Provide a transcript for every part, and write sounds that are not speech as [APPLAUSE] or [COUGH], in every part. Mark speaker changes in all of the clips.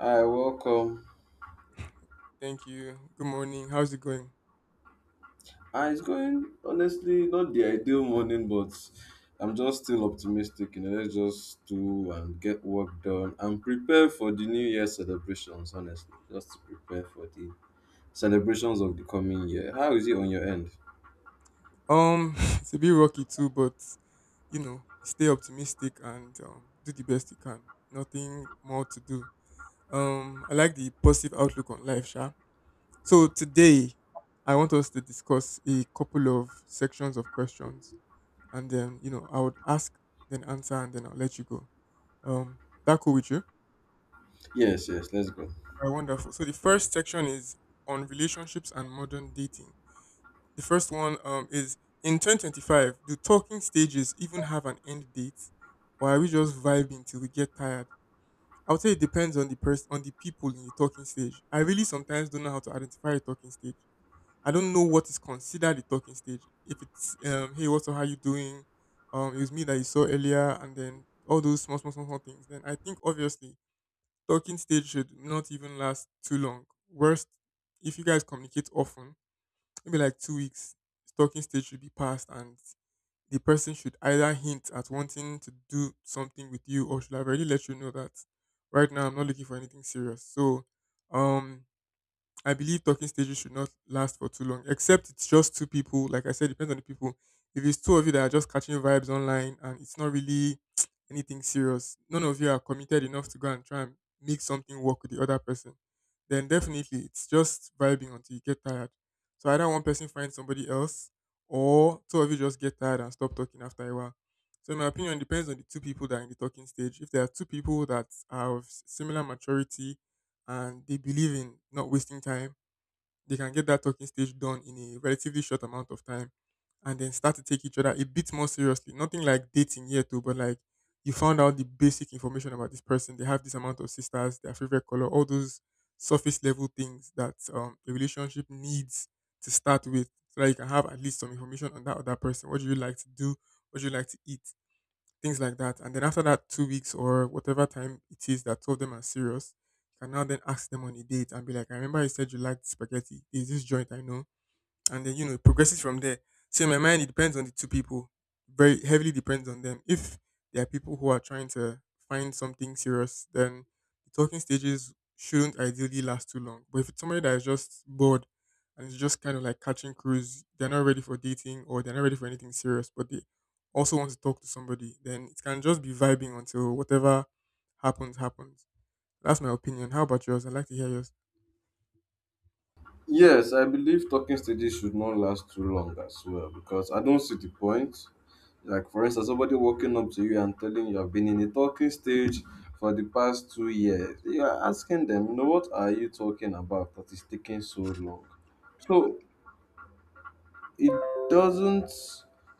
Speaker 1: Hi, welcome.
Speaker 2: Thank you. Good morning. How's it going?
Speaker 1: Ah, it's going honestly not the ideal morning, but I'm just still optimistic. You know, let's just do and get work done and prepare for the New Year celebrations. Honestly, just to prepare for the celebrations of the coming year. How is it on your end?
Speaker 2: [LAUGHS] It's a bit rocky too, but stay optimistic and do the best you can. Nothing more to do. I like the positive outlook on life, Sha. So today, I want us to discuss a couple of sections of questions, and then I would ask, then answer, and then I'll let you go. Um, that cool with you?
Speaker 1: Yes, yes. Let's go.
Speaker 2: All right, wonderful. So the first section is on relationships and modern dating. The first one is in 2025, do talking stages even have an end date? Or are we just vibing till we get tired? I would say it depends on the person, on the people in the talking stage. I really sometimes don't know how to identify a talking stage. I don't know what is considered a talking stage. If it's, hey, what's up, how you doing? It was me that you saw earlier, and then all those small, small, small, small things. Then I think obviously talking stage should not even last too long. Worst, if you guys communicate often, maybe like 2 weeks, stalking stage should be passed, and the person should either hint at wanting to do something with you or should have already let you know that right now I'm not looking for anything serious. So, um, I believe talking stages should not last for too long, except it's just two people. Like I said, depends on the people. If it's two of you that are just catching vibes online and it's not really [TSK] anything serious, none of you are committed enough to go and try and make something work with the other person, then definitely it's just vibing until you get tired. So either one person finds somebody else, or two of you just get tired and stop talking after a while. So in my opinion, depends on the two people that are in the talking stage. If there are two people that are of similar maturity and they believe in not wasting time, they can get that talking stage done in a relatively short amount of time and then start to take each other a bit more seriously. Nothing like dating yet, too, but like you found out the basic information about this person. They have this amount of sisters, their favorite color, all those surface level things that a relationship needs to start with, so that you can have at least some information on that other person. What do you like to do? What do you like to eat? Things like that. And then after that 2 weeks or whatever time it is that two of them are serious, you can now then ask them on a date and be like, I remember you said you liked spaghetti. Is this joint I know? And then it progresses from there. So in my mind, it depends on the two people. Very heavily depends on them. If there are people who are trying to find something serious, then the talking stages shouldn't ideally last too long. But if it's somebody that is just bored and is just kind of like catching cruise, they're not ready for dating or they're not ready for anything serious, but they also want to talk to somebody, then it can just be vibing until whatever happens happens. That's my opinion. How about yours? I'd like to hear yours.
Speaker 1: Yes, I believe talking stages should not last too long as well because I don't see the point. Like, for instance, somebody walking up to you and telling you, I've been in a talking stage for the past two years. You are asking them, you know, what are you talking about that is taking so long? So, it doesn't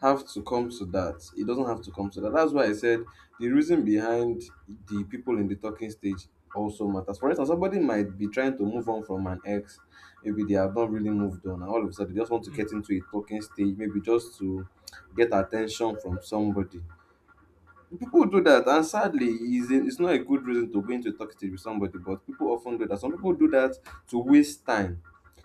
Speaker 1: have to come to that. It doesn't have to come to that. That's why I said the reason behind the people in the talking stage also matters. For instance, somebody might be trying to move on from an ex. Maybe they have not really moved on, and all of a sudden they just want to get into a talking stage, maybe just to get attention from somebody. People do that, and sadly, it's not a good reason to go into a toxic with somebody, but people often do that. Some people do that to waste time.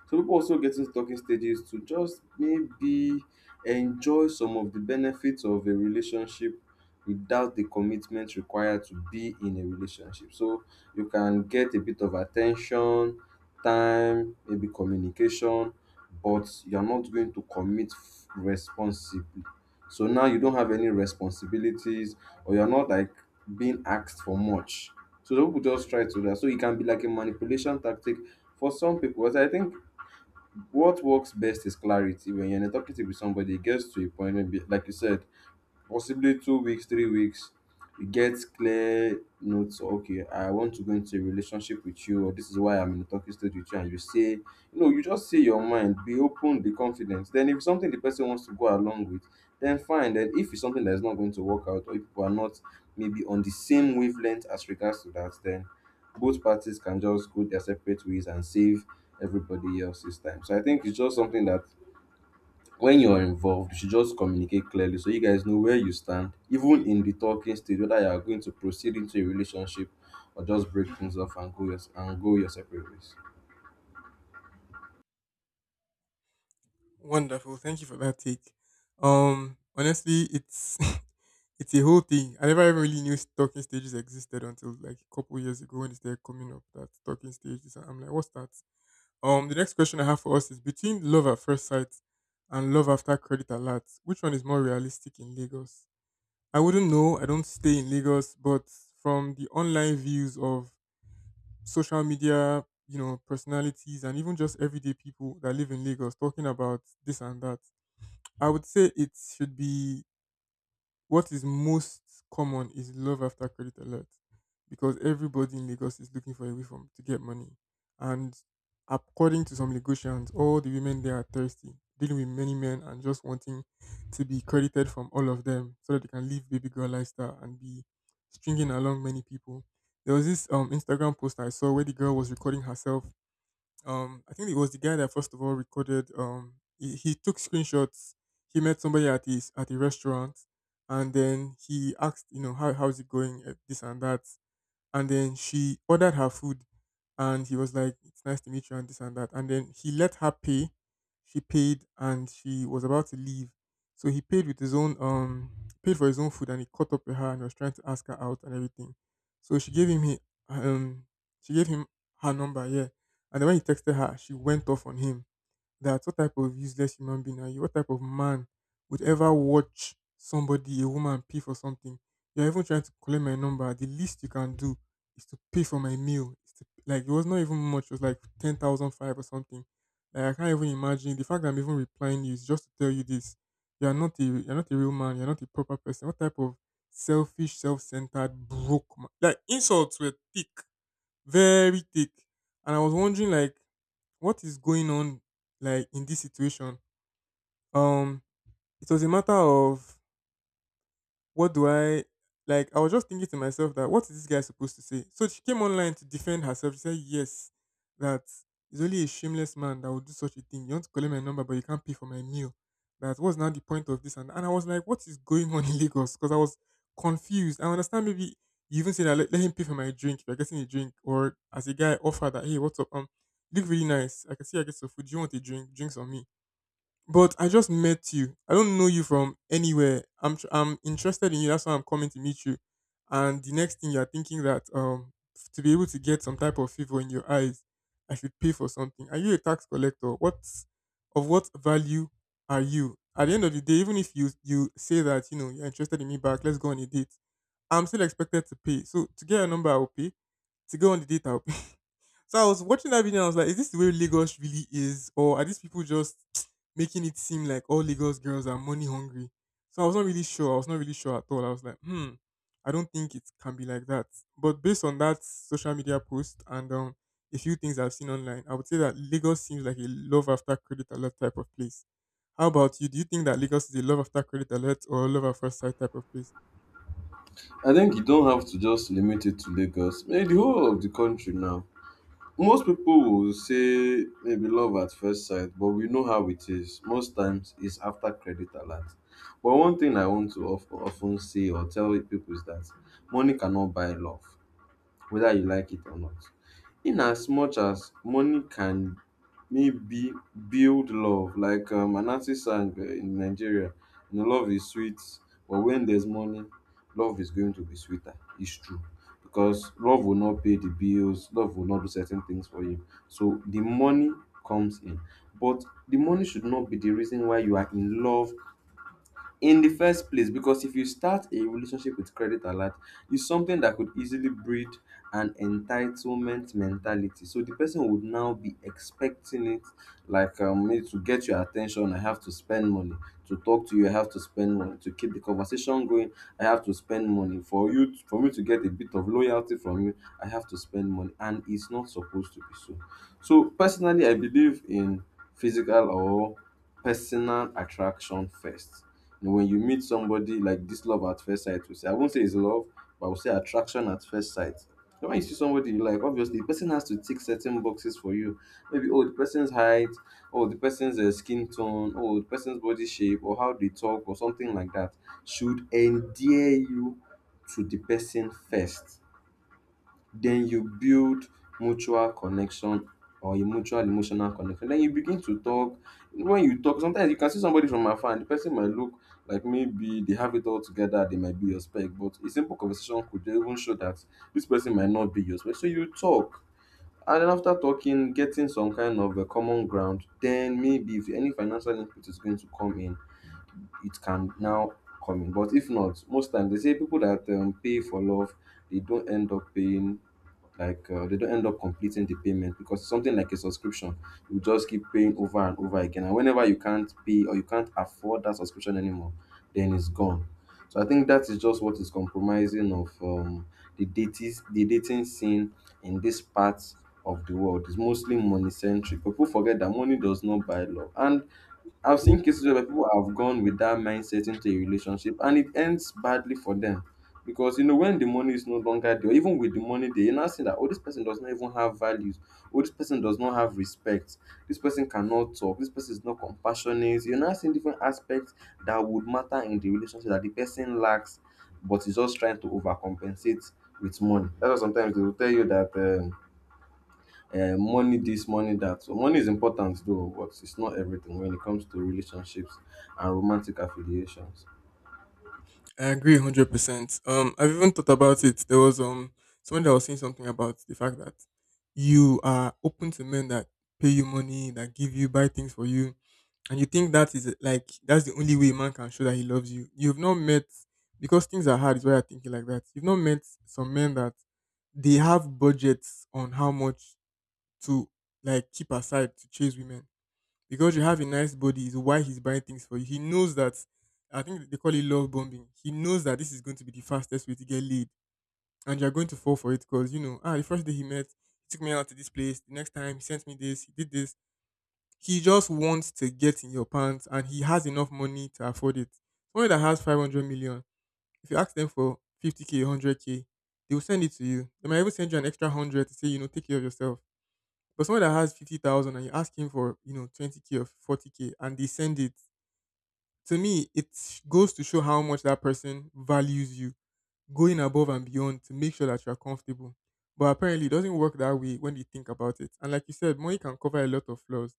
Speaker 1: Some people also get into talking stages to just maybe enjoy some of the benefits of a relationship without the commitment required to be in a relationship. So you can get a bit of attention, time, maybe communication, but you're not going to commit responsibly. So now you don't have any responsibilities or you're not like being asked for much. So some people just try to do that. So it can be like a manipulation tactic for some people. But I think what works best is clarity. When you're in a talkative with somebody, it gets to a point, maybe like you said, possibly two weeks, three weeks, you get clear notes. Okay, I want to go into a relationship with you, or this is why I'm in a talking stage with you, and you say, you know, you just say your mind, be open, be confident. Then if it's something the person wants to go along with, then fine. Then if it's something that is not going to work out, or if people are not maybe on the same wavelength as regards to that, then both parties can just go their separate ways and save everybody else's time. So I think it's just something that when you're involved, you should just communicate clearly so you guys know where you stand, even in the talking stage, whether you are going to proceed into a relationship or just break things off and and go your separate ways.
Speaker 2: Wonderful. Thank you for that take. Honestly, it's [LAUGHS] it's a whole thing. I never even really knew talking stages existed until like a couple years ago when they started coming up that talking stages. I'm like, what's that? The next question I have for us is, between love at first sight and love after credit alert, which one is more realistic in Lagos? I wouldn't know. I don't stay in Lagos, but from the online views of social media, personalities and even just everyday people that live in Lagos talking about this and that, I would say it should be, what is most common is love after credit alert, because everybody in Lagos is looking for a way from to get money. And according to some Lagosians, all the women there are thirsty, dealing with many men and just wanting to be credited from all of them so that they can live baby girl lifestyle and be stringing along many people. There was this Instagram post I saw where the girl was recording herself. I think it was the guy that first of all recorded. He took screenshots. He met somebody at a restaurant, and then he asked, how's it going, eh, this and that. And then she ordered her food, and he was like, it's nice to meet you and this and that. And then he let her pay. She paid and she was about to leave, so he paid with his own paid for his own food, and he caught up with her and was trying to ask her out and everything. So she gave him he um she gave him her number, yeah. And then when he texted her, she went off on him. That what type of useless human being are you? What type of man would ever watch somebody, a woman, pay for something? You're even trying to collect my number. The least you can do is to pay for my meal. It's to, like, it was not even much. It was like ten thousand five or something. Like, I can't even imagine. The fact that I'm even replying you is just to tell you this. You're not a real man. You're not a proper person. What type of selfish, self-centered, broke man? Like, insults were thick, very thick. And I was wondering like, what is going on, like, in this situation? Um it was a matter of, what do I, like? I was just thinking to myself, that what is this guy supposed to say? So she came online to defend herself. She said, yes, that it's only a shameless man that would do such a thing. You want to collect my number, but you can't pay for my meal. That was now the point of this. And I was like, what is going on in Lagos? Because I was confused. I understand maybe you even said that, let him pay for my drink if you're getting a drink, or as a guy offer that, hey, what's up? You look really nice. I can see I get some food. Do you want a drink? Drinks on me. But I just met you. I don't know you from anywhere. I'm interested in you. That's why I'm coming to meet you. And the next thing you're thinking that to be able to get some type of favor in your eyes, I should pay for something. Are you a tax collector? What of, what value are you? At the end of the day, even if you say that you're interested in me back, let's go on a date. I'm still expected to pay. So to get a number, I will pay. To go on the date, I'll pay. So I was watching that video and I was like, is this the way Lagos really is? Or are these people just [TSK] making it seem like all Lagos girls are money hungry? So I was not really sure. I was not really sure at all. I was like, hmm, I don't think it can be like that. But based on that social media post and a few things I've seen online, I would say that Lagos seems like a love after credit alert type of place. How about you? Do you think that Lagos is a love after credit alert or love at first sight type of place?
Speaker 1: I think you don't have to just limit it to Lagos, maybe the whole of the country now. Most people will say maybe love at first sight, but we know how it is. Most times it's after credit alert. But one thing I want to often say or tell people is that money cannot buy love whether you like it or not. In as much as money can maybe build love, like Anansi sang in Nigeria, you know, love is sweet, but when there's money, love is going to be sweeter. It's true. Because love will not pay the bills, love will not do certain things for you. So the money comes in. But the money should not be the reason why you are in love in the first place because if you start a relationship with credit alert, it's something that could easily breed an entitlement mentality, so the person would now be expecting it. Like me to get your attention, I have to spend money to talk to you, I have to spend money to keep the conversation going, I have to spend money for you, for me to get a bit of loyalty from you, I have to spend money, and it's not supposed to be so. So personally, I believe in physical or personal attraction first, and when you meet somebody like this love at first sight, we say, I won't say it's love, but I will say attraction at first sight. So when you see somebody you like, obviously the person has to tick certain boxes for you. Maybe oh, the person's height, or the person's skin tone, or the person's body shape, or how they talk, or something like that should endear you to the person first, then you build mutual connection or a mutual emotional connection. Then you begin to talk. When you talk, sometimes you can see somebody from afar and the person might look like maybe they have it all together, they might be your spec, but a simple conversation could even show that this person might not be your spec. So you talk. And then after talking, getting some kind of a common ground, then maybe if any financial input is going to come in, it can now come in. But if not, most times they say people that pay for love, they don't end up paying, like they don't end up completing the payment, because something like a subscription, you just keep paying over and over again, and whenever you can't pay or you can't afford that subscription anymore, then it's gone. So I think that is just what is compromising of the dating scene in this part of the world. It's mostly money centric. People forget that money does not buy love, and I've seen cases where people have gone with that mindset into a relationship and it ends badly for them. Because you know, when the money is no longer there, even with the money there, you now see that oh, this person does not even have values, oh, this person does not have respect, this person cannot talk, this person is not compassionate. You're now seeing different aspects that would matter in the relationship that the person lacks, but is just trying to overcompensate with money. That's why sometimes they will tell you that money this, money that. So money is important though, but it's not everything when it comes to relationships and romantic affiliations.
Speaker 2: I agree 100%. I've even thought about it. There was someone that was saying something about the fact that you are open to men that pay you money, that give you, buy things for you, and you think that is like, that's the only way a man can show that he loves you. You've not met because things are hard. Is why you're thinking like that. You've not met some men that, they have budgets on how much to, like, keep aside to chase women. Because you have a nice body is why he's buying things for you. He knows that, I think they call it love bombing. He knows that this is going to be the fastest way to get laid, and you're going to fall for it because, the first day he met, he took me out to this place. The next time he sent me this, he did this. He just wants to get in your pants, and he has enough money to afford it. Someone that has 500 million, if you ask them for 50K, 100K, they will send it to you. They might even send you an extra hundred to say take care of yourself. But someone that has 50,000 and you ask him for, 20K or 40K and they send it, to me, goes to show how much that person values you, going above and beyond to make sure that you're comfortable. But apparently, it doesn't work that way when you think about it. And like you said, money can cover a lot of flaws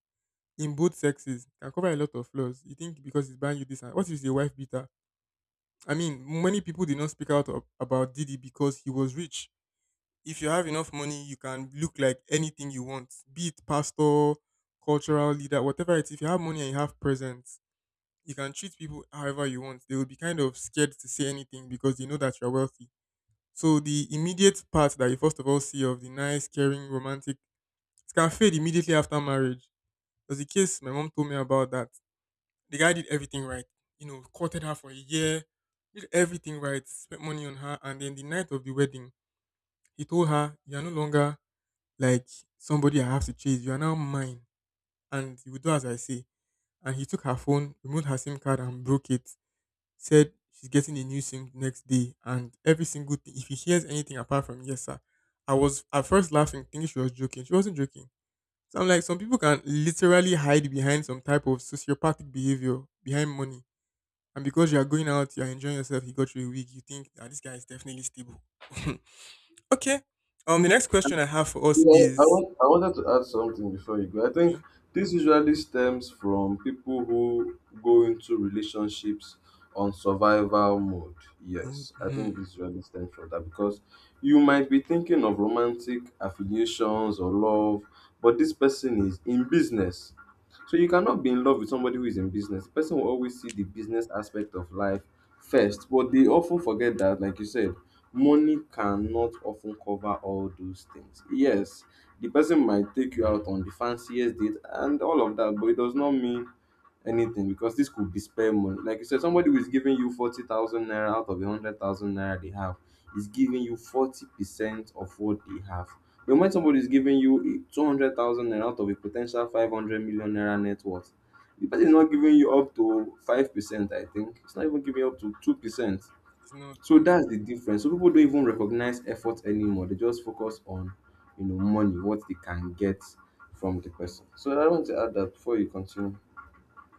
Speaker 2: in both sexes, it can cover a lot of flaws. You think because he's buying you this, and what if he's a wife beater? I mean, many people did not speak about Diddy because he was rich. If you have enough money, you can look like anything you want, be it pastor, cultural leader, whatever it is. If you have money and you have presence, you can treat people however you want. They will be kind of scared to say anything because they know that you're wealthy. So the immediate part that you first of all see of the nice, caring, romantic, it can fade immediately after marriage. There's a case my mom told me about that. The guy did everything right. You know, courted her for a year, did everything right, spent money on her, and then the night of the wedding, he told her, "You're no longer like somebody I have to chase. You are now mine. And you will do as I say." And he took her phone, removed her SIM card and broke it. Said she's getting a new SIM next day. And every single thing, if he hears anything apart from yes, sir. I was at first laughing, thinking she was joking. She wasn't joking. So I'm like, some people can literally hide behind some type of sociopathic behavior behind money. And because you are going out, you are enjoying yourself, he got you a week, you think that this guy is definitely stable. [LAUGHS] Okay. The next question I have for us
Speaker 1: Well,
Speaker 2: is—
Speaker 1: I wanted to add something before you go. I think
Speaker 2: Okay.
Speaker 1: this usually stems from people who go into relationships on survival mode.
Speaker 2: Mood.
Speaker 1: Yes, I think
Speaker 2: Hmm.
Speaker 1: this usually stems from that because you might be thinking of romantic affiliations or love, but this person is in business. So you cannot be in love with somebody who is in business. The person will always see the business aspect of life first, but they often forget that, like you said, money cannot often cover all those things. Yes, the person might take you out on the fanciest date and all of that, but it does not mean anything because this could be spare money. Like you said, somebody who is giving you 40,000 naira out of a 100,000 naira they have is giving you 40% of what they have. But when somebody is giving you 200,000 naira out of a potential 500 million naira net worth, the person is not giving you up to 5%, I think. It's not even giving you up to 2%.
Speaker 2: It's not
Speaker 1: So
Speaker 2: though.
Speaker 1: that's the difference. So people don't even recognize effort anymore. They just focus on, you know, money, what they can get from the person. So I want to add that before you continue.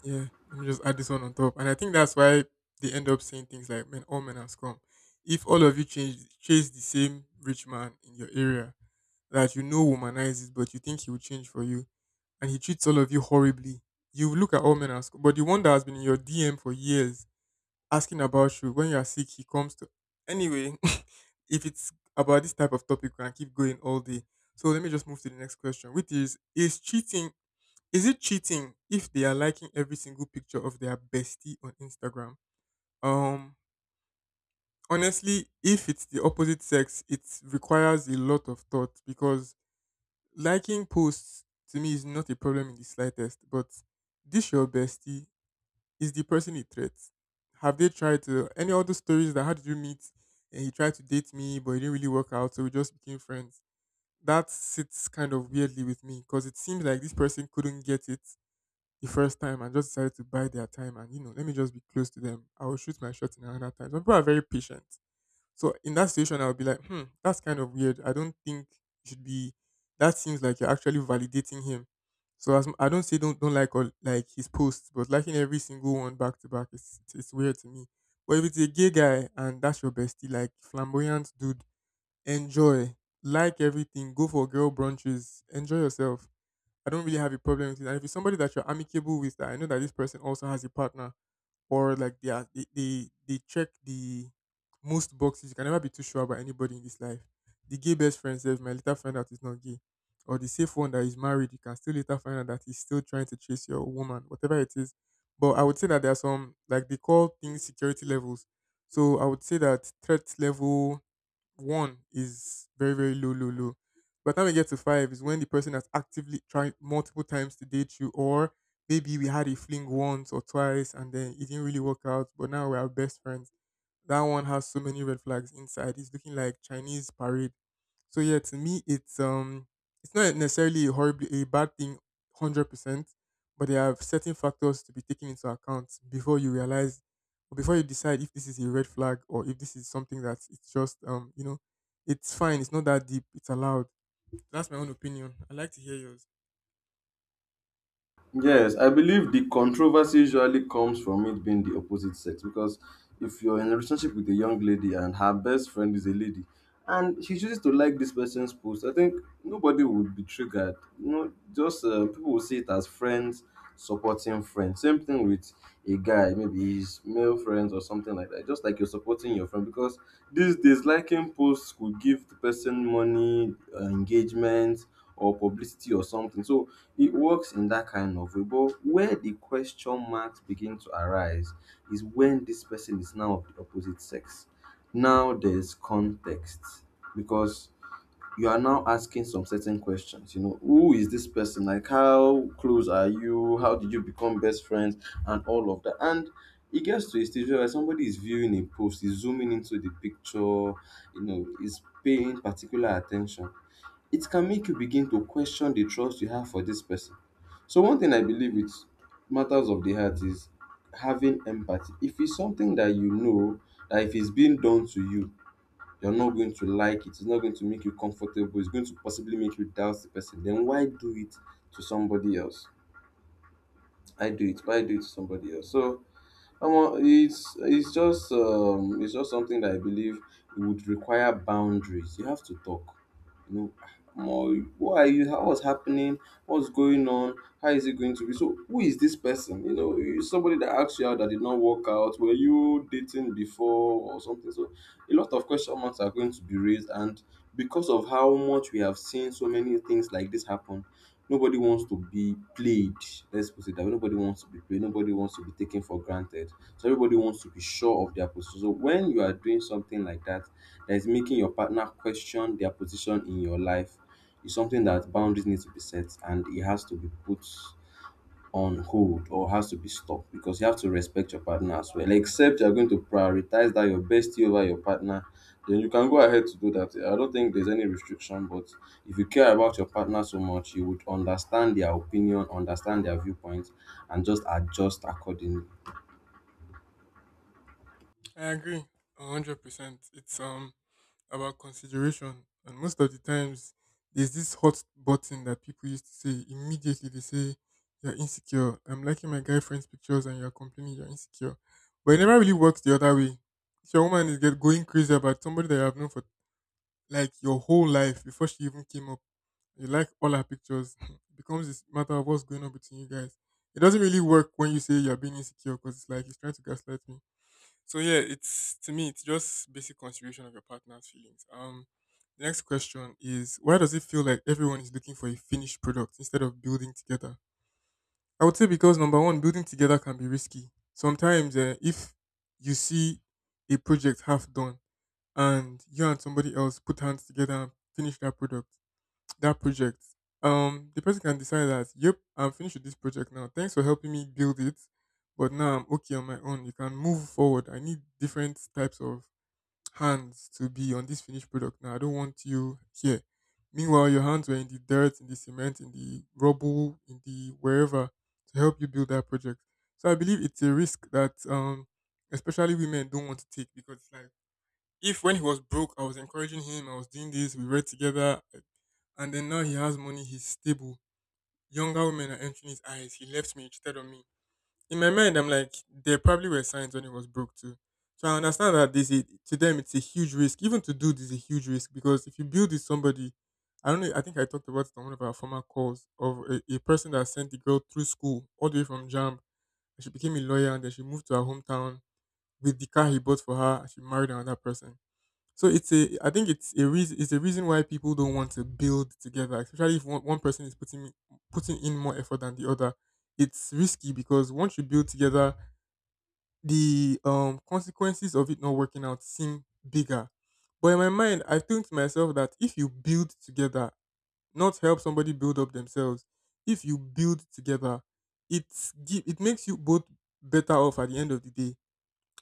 Speaker 2: Yeah, let me just add this one on top. And I think that's why they end up saying things like men all men are scum. If all of you change chase the same rich man in your area that womanizes, but you think he will change for you and he treats all of you horribly, you look at all men as scum. But the one that has been in your DM for years asking about you when you are sick, he comes to anyway. [LAUGHS] If it's about this type of topic, we can keep going all day. So let me just move to the next question, which is cheating Is it cheating if they are liking every single picture of their bestie on Instagram? Um, honestly, if it's the opposite sex, it requires a lot of thought, because liking posts to me is not a problem in the slightest. But this your bestie is the person it threats. Have they tried to any other stories, that how did you meet, and he tried to date me but it didn't really work out so we just became friends? That sits kind of weirdly with me, because it seems like this person couldn't get it the first time and just decided to buy their time and let me just be close to them. I will shoot my shot in another time. Some people are very patient. So in that situation, I'll be like, hmm, that's kind of weird. I don't think you should be. That seems like you're actually validating him. So I don't say don't like all, like, his posts, but liking every single one back to back it's weird to me. But if it's a gay guy and that's your bestie, like flamboyant dude, enjoy, like, everything, go for girl brunches, enjoy yourself. I don't really have a problem with it. And if it's somebody that you're amicable with, that I know that this person also has a partner, or like they check the most boxes. You can never be too sure about anybody in this life. The gay best friend says, "My later find out he's not gay," or the safe one that is married. You can still later find out that he's still trying to chase your woman, whatever it is. But I would say that there are some, like they call things, security levels. So I would say that threat level one is very very low, low, low. By the time we get to five is when the person has actively tried multiple times to date you, or maybe we had a fling once or twice and then it didn't really work out but now we're best friends. That one has so many red flags inside, it's looking like Chinese parade. So yeah, to me it's not necessarily a bad thing. 100%. But there are certain factors to be taken into account before you realize. But before you decide if this is a red flag or if this is something that it's just it's fine, it's not that deep, it's allowed. That's my own opinion. I like to hear yours.
Speaker 1: Yes, I believe the controversy usually comes from it being the opposite sex because if you're in a relationship with a young lady and her best friend is a lady and she chooses to like this person's post, I think nobody would be triggered. You know, just people will see it as friends supporting friends. Same thing with a guy, maybe his male friends or something like that. Just like you're supporting your friend, because these days liking posts could give the person money, engagement, or publicity or something. So it works in that kind of way. But where the question marks begin to arise is when this person is now of the opposite sex. Now there's context, because you are now asking some certain questions. You know, who is this person? Like, how close are you? How did you become best friends? And all of that. And it gets to a stage where somebody is viewing a post, is zooming into the picture, you know, is paying particular attention, it can make you begin to question the trust you have for this person. So one thing I believe with matters of the heart is having empathy. If it's something that you know that if it's being done to you, you're not going to like it, it's not going to make you comfortable, it's going to possibly make you doubt the person, then why do it to somebody else? I do it, why do it to somebody else? So it's just something that I believe it would require boundaries. You have to talk. You know, more, who are you? What's happening? What's going on? How is it going to be? So, who is this person? You know, somebody that asked you out that did not work out. Were you dating before or something? So, a lot of question marks are going to be raised, and because of how much we have seen so many things like this happen, nobody wants to be played. Let's put it that way. Nobody wants to be played. Nobody wants to be taken for granted. So everybody wants to be sure of their position. So when you are doing something like that, that is making your partner question their position in your life, is something that boundaries need to be set and it has to be put on hold or has to be stopped because you have to respect your partner as well. Like, except you're going to prioritize that your bestie over your partner, then you can go ahead to do that. I don't think there's any restriction, but if you care about your partner so much, you would understand their opinion, understand their viewpoint, and just adjust accordingly.
Speaker 2: I agree 100%. It's about consideration. And most of the times, there's this hot button that people used to say immediately, they say you're insecure. I'm liking my guy friend's pictures and you're complaining, you're insecure. But it never really works the other way. If your woman is get going crazy about somebody that you have known for, like, your whole life before she even came up, you like all our pictures, [LAUGHS] it becomes this matter of what's going on between you guys. It doesn't really work when you say you're being insecure, because it's like he's trying to gaslight me. So yeah, it's to me it's just basic consideration of your partner's feelings. The next question is, why does it feel like everyone is looking for a finished product instead of building together? I would say because, number one, building together can be risky. Sometimes if you see a project half done and you and somebody else put hands together and finish that project. The person can decide that, yep, I'm finished with this project now. Thanks for helping me build it, but now I'm okay on my own. You can move forward. I need different types of hands to be on this finished product now. I don't want you here. Meanwhile, your hands were in the dirt, in the cement, in the rubble, in the wherever, to help you build that project. So I believe it's a risk that especially women don't want to take, because it's like, if when he was broke, I was encouraging him, I was doing this, we read together, and then now he has money, he's stable. Younger women are entering his eyes. He left me, he cheated on me. In my mind, I'm like, there probably were signs when he was broke too. So I understand that this is, to them, it's a huge risk. Even to do this is a huge risk, because if you build with somebody, I don't know. I think I talked about it on one of our former calls, of a person that sent the girl through school all the way from jam and she became a lawyer and then she moved to her hometown with the car he bought for her. And she married another person. So it's a I think it's a reason why people don't want to build together, especially if one person is putting in more effort than the other. It's risky, because once you build together, the consequences of it not working out seem bigger. But in my mind, I think to myself that if you build together, not help somebody build up themselves, if you build together, it makes you both better off at the end of the day.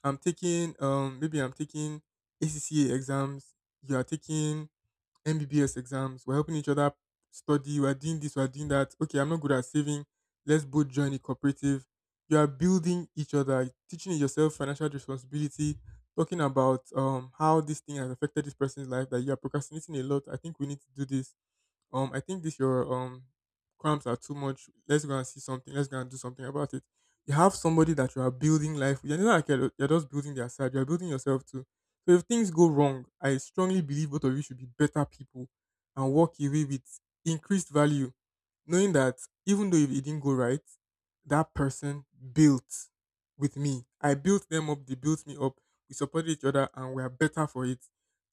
Speaker 2: I'm taking maybe I'm taking ACCA exams, you are taking MBBS exams, we're helping each other study, we're doing this, we're doing that. Okay, I'm not good at saving. Let's both join a cooperative. You are building each other, teaching yourself financial responsibility, talking about how this thing has affected this person's life, that you are procrastinating a lot. I think we need to do this. I think this your cramps are too much. Let's go and see something. Let's go and do something about it. You have somebody that you are building life with. You're not like you're just building their side. You're building yourself too. So if things go wrong, I strongly believe both of you should be better people and walk away with increased value, knowing that even though if it didn't go right, that person built with me. I built them up. They built me up. We supported each other, and we are better for it.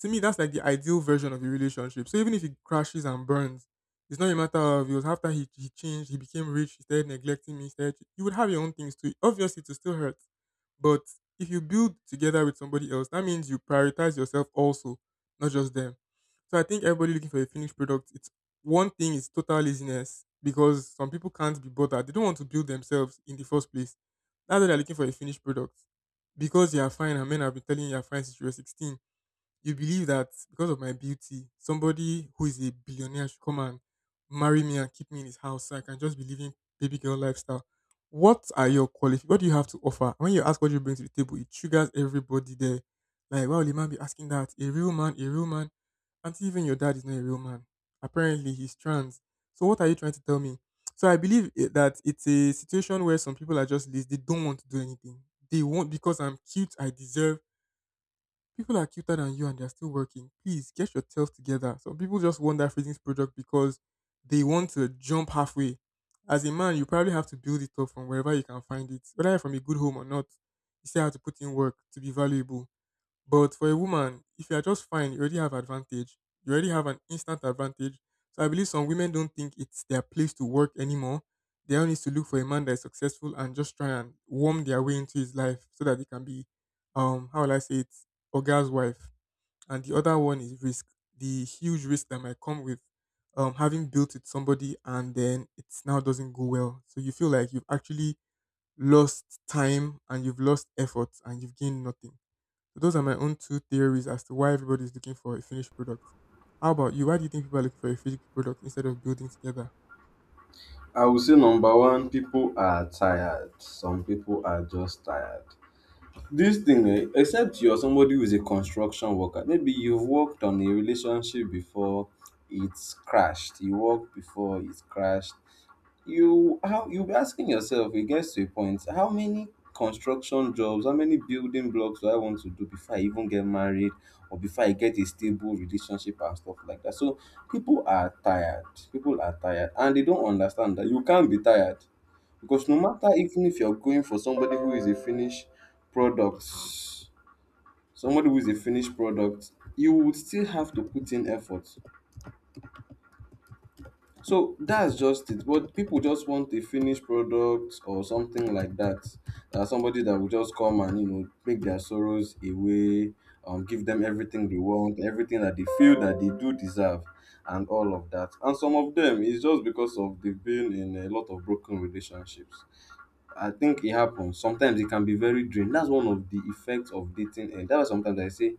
Speaker 2: To me, that's like the ideal version of a relationship. So even if it crashes and burns, it's not a matter of it was after he changed, he became rich, he started neglecting me, he started, you would have your own things too. Obviously, to still hurt. But if you build together with somebody else, that means you prioritize yourself also, not just them. So I think everybody looking for a finished product, it's one thing is total laziness because some people can't be bothered. They don't want to build themselves in the first place. That's why they're looking for a finished product. Because you are fine, and men have been telling you you're fine since you were 16. You believe that because of my beauty, somebody who is a billionaire should come and marry me and keep me in his house so I can just be living baby girl lifestyle. What are your qualifications? What do you have to offer? When you ask what you bring to the table, it triggers everybody there. Like, why would a man be asking that? A real man, a real man. And even your dad is not a real man. Apparently, he's trans. So, what are you trying to tell me? So, I believe that it's a situation where some people are just lazy. They don't want to do anything. They want because I'm cute. I deserve. People are cuter than you and they're still working. Please get yourself together. Some people just want that freezing product because they want to jump halfway. As a man, you probably have to build it up from wherever you can find it, whether you're from a good home or not. You still have to put in work to be valuable. But for a woman, if you are just fine, you already have advantage. You already have an instant advantage. So I believe some women don't think it's their place to work anymore. They only need to look for a man that is successful and just try and warm their way into his life so that they can be, how will I say it, a girl's wife. And the other one is risk, the huge risk that might come with having built with somebody and then it now doesn't go well. So you feel like you've actually lost time and you've lost effort and you've gained nothing. So those are my own two theories as to why everybody is looking for a finished product. How about you? Why do you think people are looking for a finished product instead of building together?
Speaker 1: I would say number one, people are tired. Some people are just tired. This thing, eh, except you're somebody who's a construction worker, maybe you've worked on a relationship before it's crashed. You worked before it's crashed. You how you'll be asking yourself, it gets to a point, how many construction jobs, how many building blocks do I want to do before I even get married or before I get a stable relationship and stuff like that? So people are tired. People are tired and they don't understand that you can't be tired. Because no matter even if you're going for somebody who is a finished product, somebody who is a finished product, you would still have to put in effort. So that's just it. But people just want a finished product or something like that. Somebody that will just come and you know make their sorrows away, give them everything they want, everything that they feel that they do deserve, and all of that. And some of them is just because of they've been in a lot of broken relationships. I think it happens. Sometimes it can be very draining. That's one of the effects of dating. And that's why sometimes I say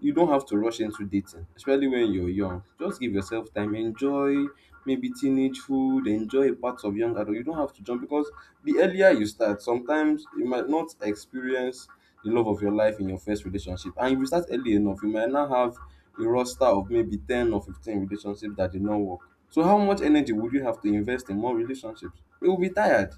Speaker 1: you don't have to rush into dating, especially when you're young. Just give yourself time. Enjoy maybe teenage food, enjoy parts of young adult. You don't have to jump because the earlier you start, sometimes you might not experience the love of your life in your first relationship. And if you start early enough, you might now have a roster of maybe 10 or 15 relationships that did not work. So how much energy would you have to invest in more relationships? You will be tired.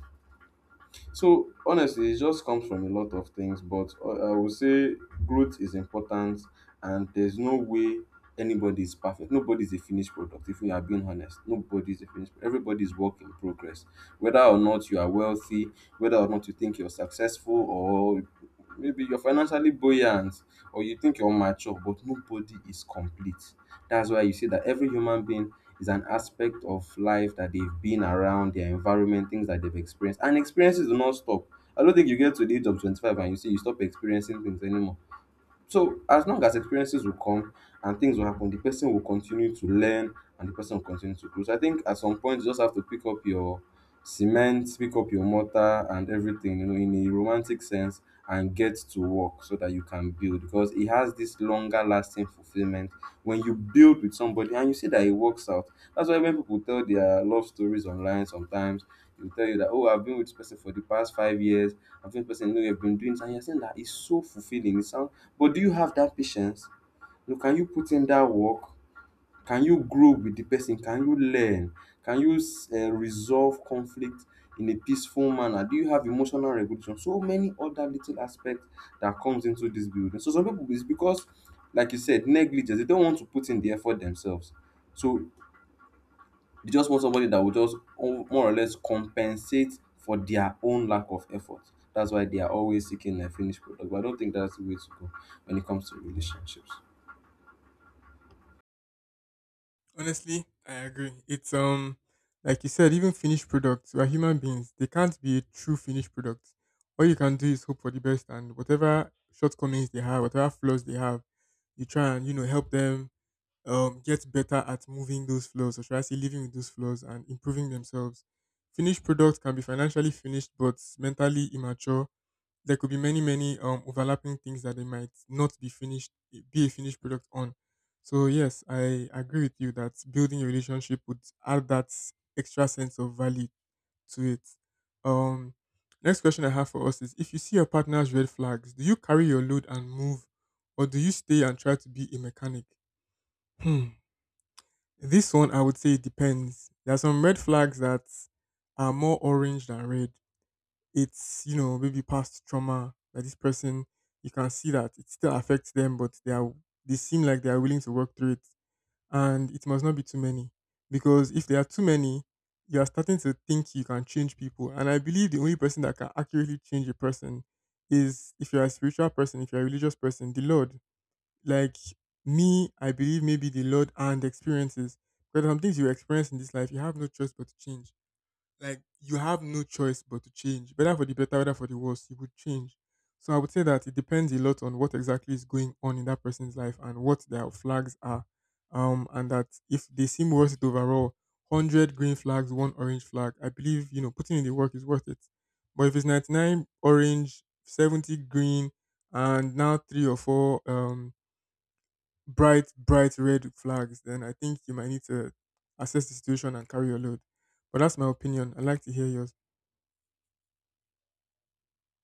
Speaker 1: So honestly, it just comes from a lot of things, but I would say growth is important, and there's no way anybody is perfect. Nobody is a finished product. If we are being honest, nobody is a finished. Everybody is work in progress. Whether or not you are wealthy, whether or not you think you're successful, or maybe you're financially buoyant, or you think you're mature, but nobody is complete. That's why you see that every human being is an aspect of life that they've been around, their environment, things that they've experienced. And experiences do not stop. I don't think you get to the age of 25 and you see you stop experiencing things anymore. So as long as experiences will come and things will happen, the person will continue to learn and the person will continue to grow. So I think at some point you just have to pick up your cement, pick up your mortar and everything, you know, in a romantic sense and get to work so that you can build because it has this longer lasting fulfillment when you build with somebody and you see that it works out. That's why when people tell their love stories online sometimes, they'll tell you that, oh, I've been with this person for the past 5 years, I've been with this person, no, you've been doing this, and you're saying that it's so fulfilling. It sounds but do you have that patience? You know, can you put in that work? Can you grow with the person? Can you learn? Can you resolve conflict in a peaceful manner? Do you have emotional regulation? So many other little aspects that comes into this building. So some people is because, like you said, negligence. They don't want to put in the effort themselves. So they just want somebody that will just more or less compensate for their own lack of effort. That's why they are always seeking a finished product. But I don't think that's the way to go when it comes to relationships.
Speaker 2: Honestly, I agree. It's like you said, even finished products, we are human beings. They can't be a true finished product. All you can do is hope for the best and whatever shortcomings they have, whatever flaws they have, you try and, you know, help them get better at moving those flaws, or should I say living with those flaws and improving themselves. Finished products can be financially finished but mentally immature. There could be many overlapping things that they might not be finished, be a finished product on. So yes, I agree with you that building a relationship would add that extra sense of value to it. um next question I have for us is, if you see your partner's red flags, do you carry your load and move, or do you stay and try to be a mechanic? hmm this one I would say it depends. There are some red flags that are more orange than red. It's, you know, maybe past trauma that this person, you can see that it still affects them, but they seem like they are willing to work through it. And it must not be too many, because if there are too many, you are starting to think you can change people. And I believe the only person that can accurately change a person is, if you're a spiritual person, if you're a religious person, the Lord. Like me, I believe maybe the Lord and experiences, because some things you experience in this life you have no choice but to change. Like, you have no choice but to change, whether for the better, whether for the worse, you would change. So I would say that it depends a lot on what exactly is going on in that person's life and what their flags are. And that if they seem worth it overall, 100 green flags, one orange flag, I believe, you know, putting in the work is worth it. But if it's 99 orange, 70 green, and now three or four bright bright red flags, then I think you might need to assess the situation and carry your load. But that's my opinion. I'd like to hear yours.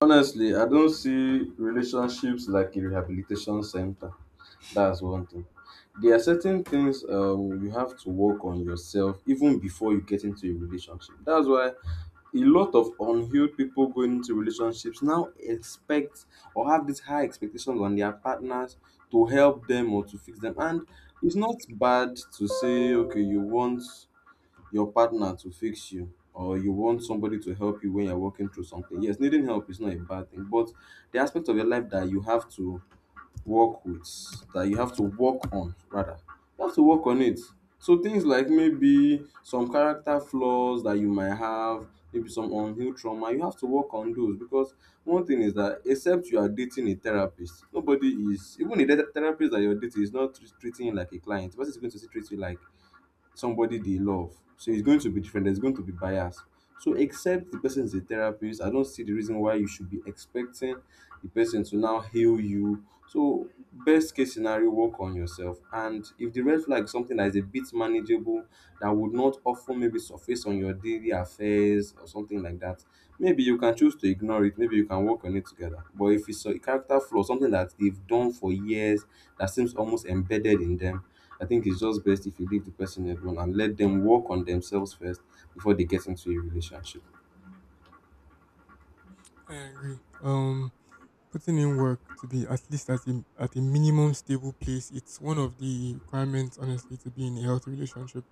Speaker 1: Honestly, I don't see relationships like a rehabilitation center. That's one thing. There are certain things you have to work on yourself even before you get into a relationship. That's why a lot of unhealed people going into relationships now expect or have these high expectations on their partners to help them or to fix them. And it's not bad to say, okay, you want your partner to fix you or you want somebody to help you when you're working through something. Yes, needing help is not a bad thing, but the aspect of your life that you have to work with, that you have to work on, rather, you have to work on it. So things like maybe some character flaws that you might have, maybe some unhealed trauma, you have to work on those because one thing is that except you are dating a therapist, nobody is even the therapist that you're dating is not treating you like a client. The person is going to still treat you like somebody they love. So it's going to be different. There's going to be bias. So except the person is a therapist, I don't see the reason why you should be expecting the person to now heal you. So best case scenario, work on yourself. And if the red flag is something that is a bit manageable, that would not often maybe surface on your daily affairs or something like that, maybe you can choose to ignore it. Maybe you can work on it together. But if it's a character flaw, something that they've done for years, that seems almost embedded in them, I think it's just best if you leave the person alone and let them work on themselves first before they get into a relationship.
Speaker 2: I agree. Putting in work to be at least at a minimum stable place, it's one of the requirements, honestly, to be in a healthy relationship.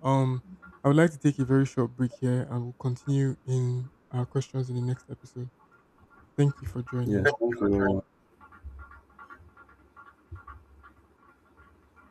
Speaker 2: Um, I would like to take a very short break here and we'll continue in our questions in the next episode. Thank you for
Speaker 1: Yeah,
Speaker 2: joining.
Speaker 1: thank you very much.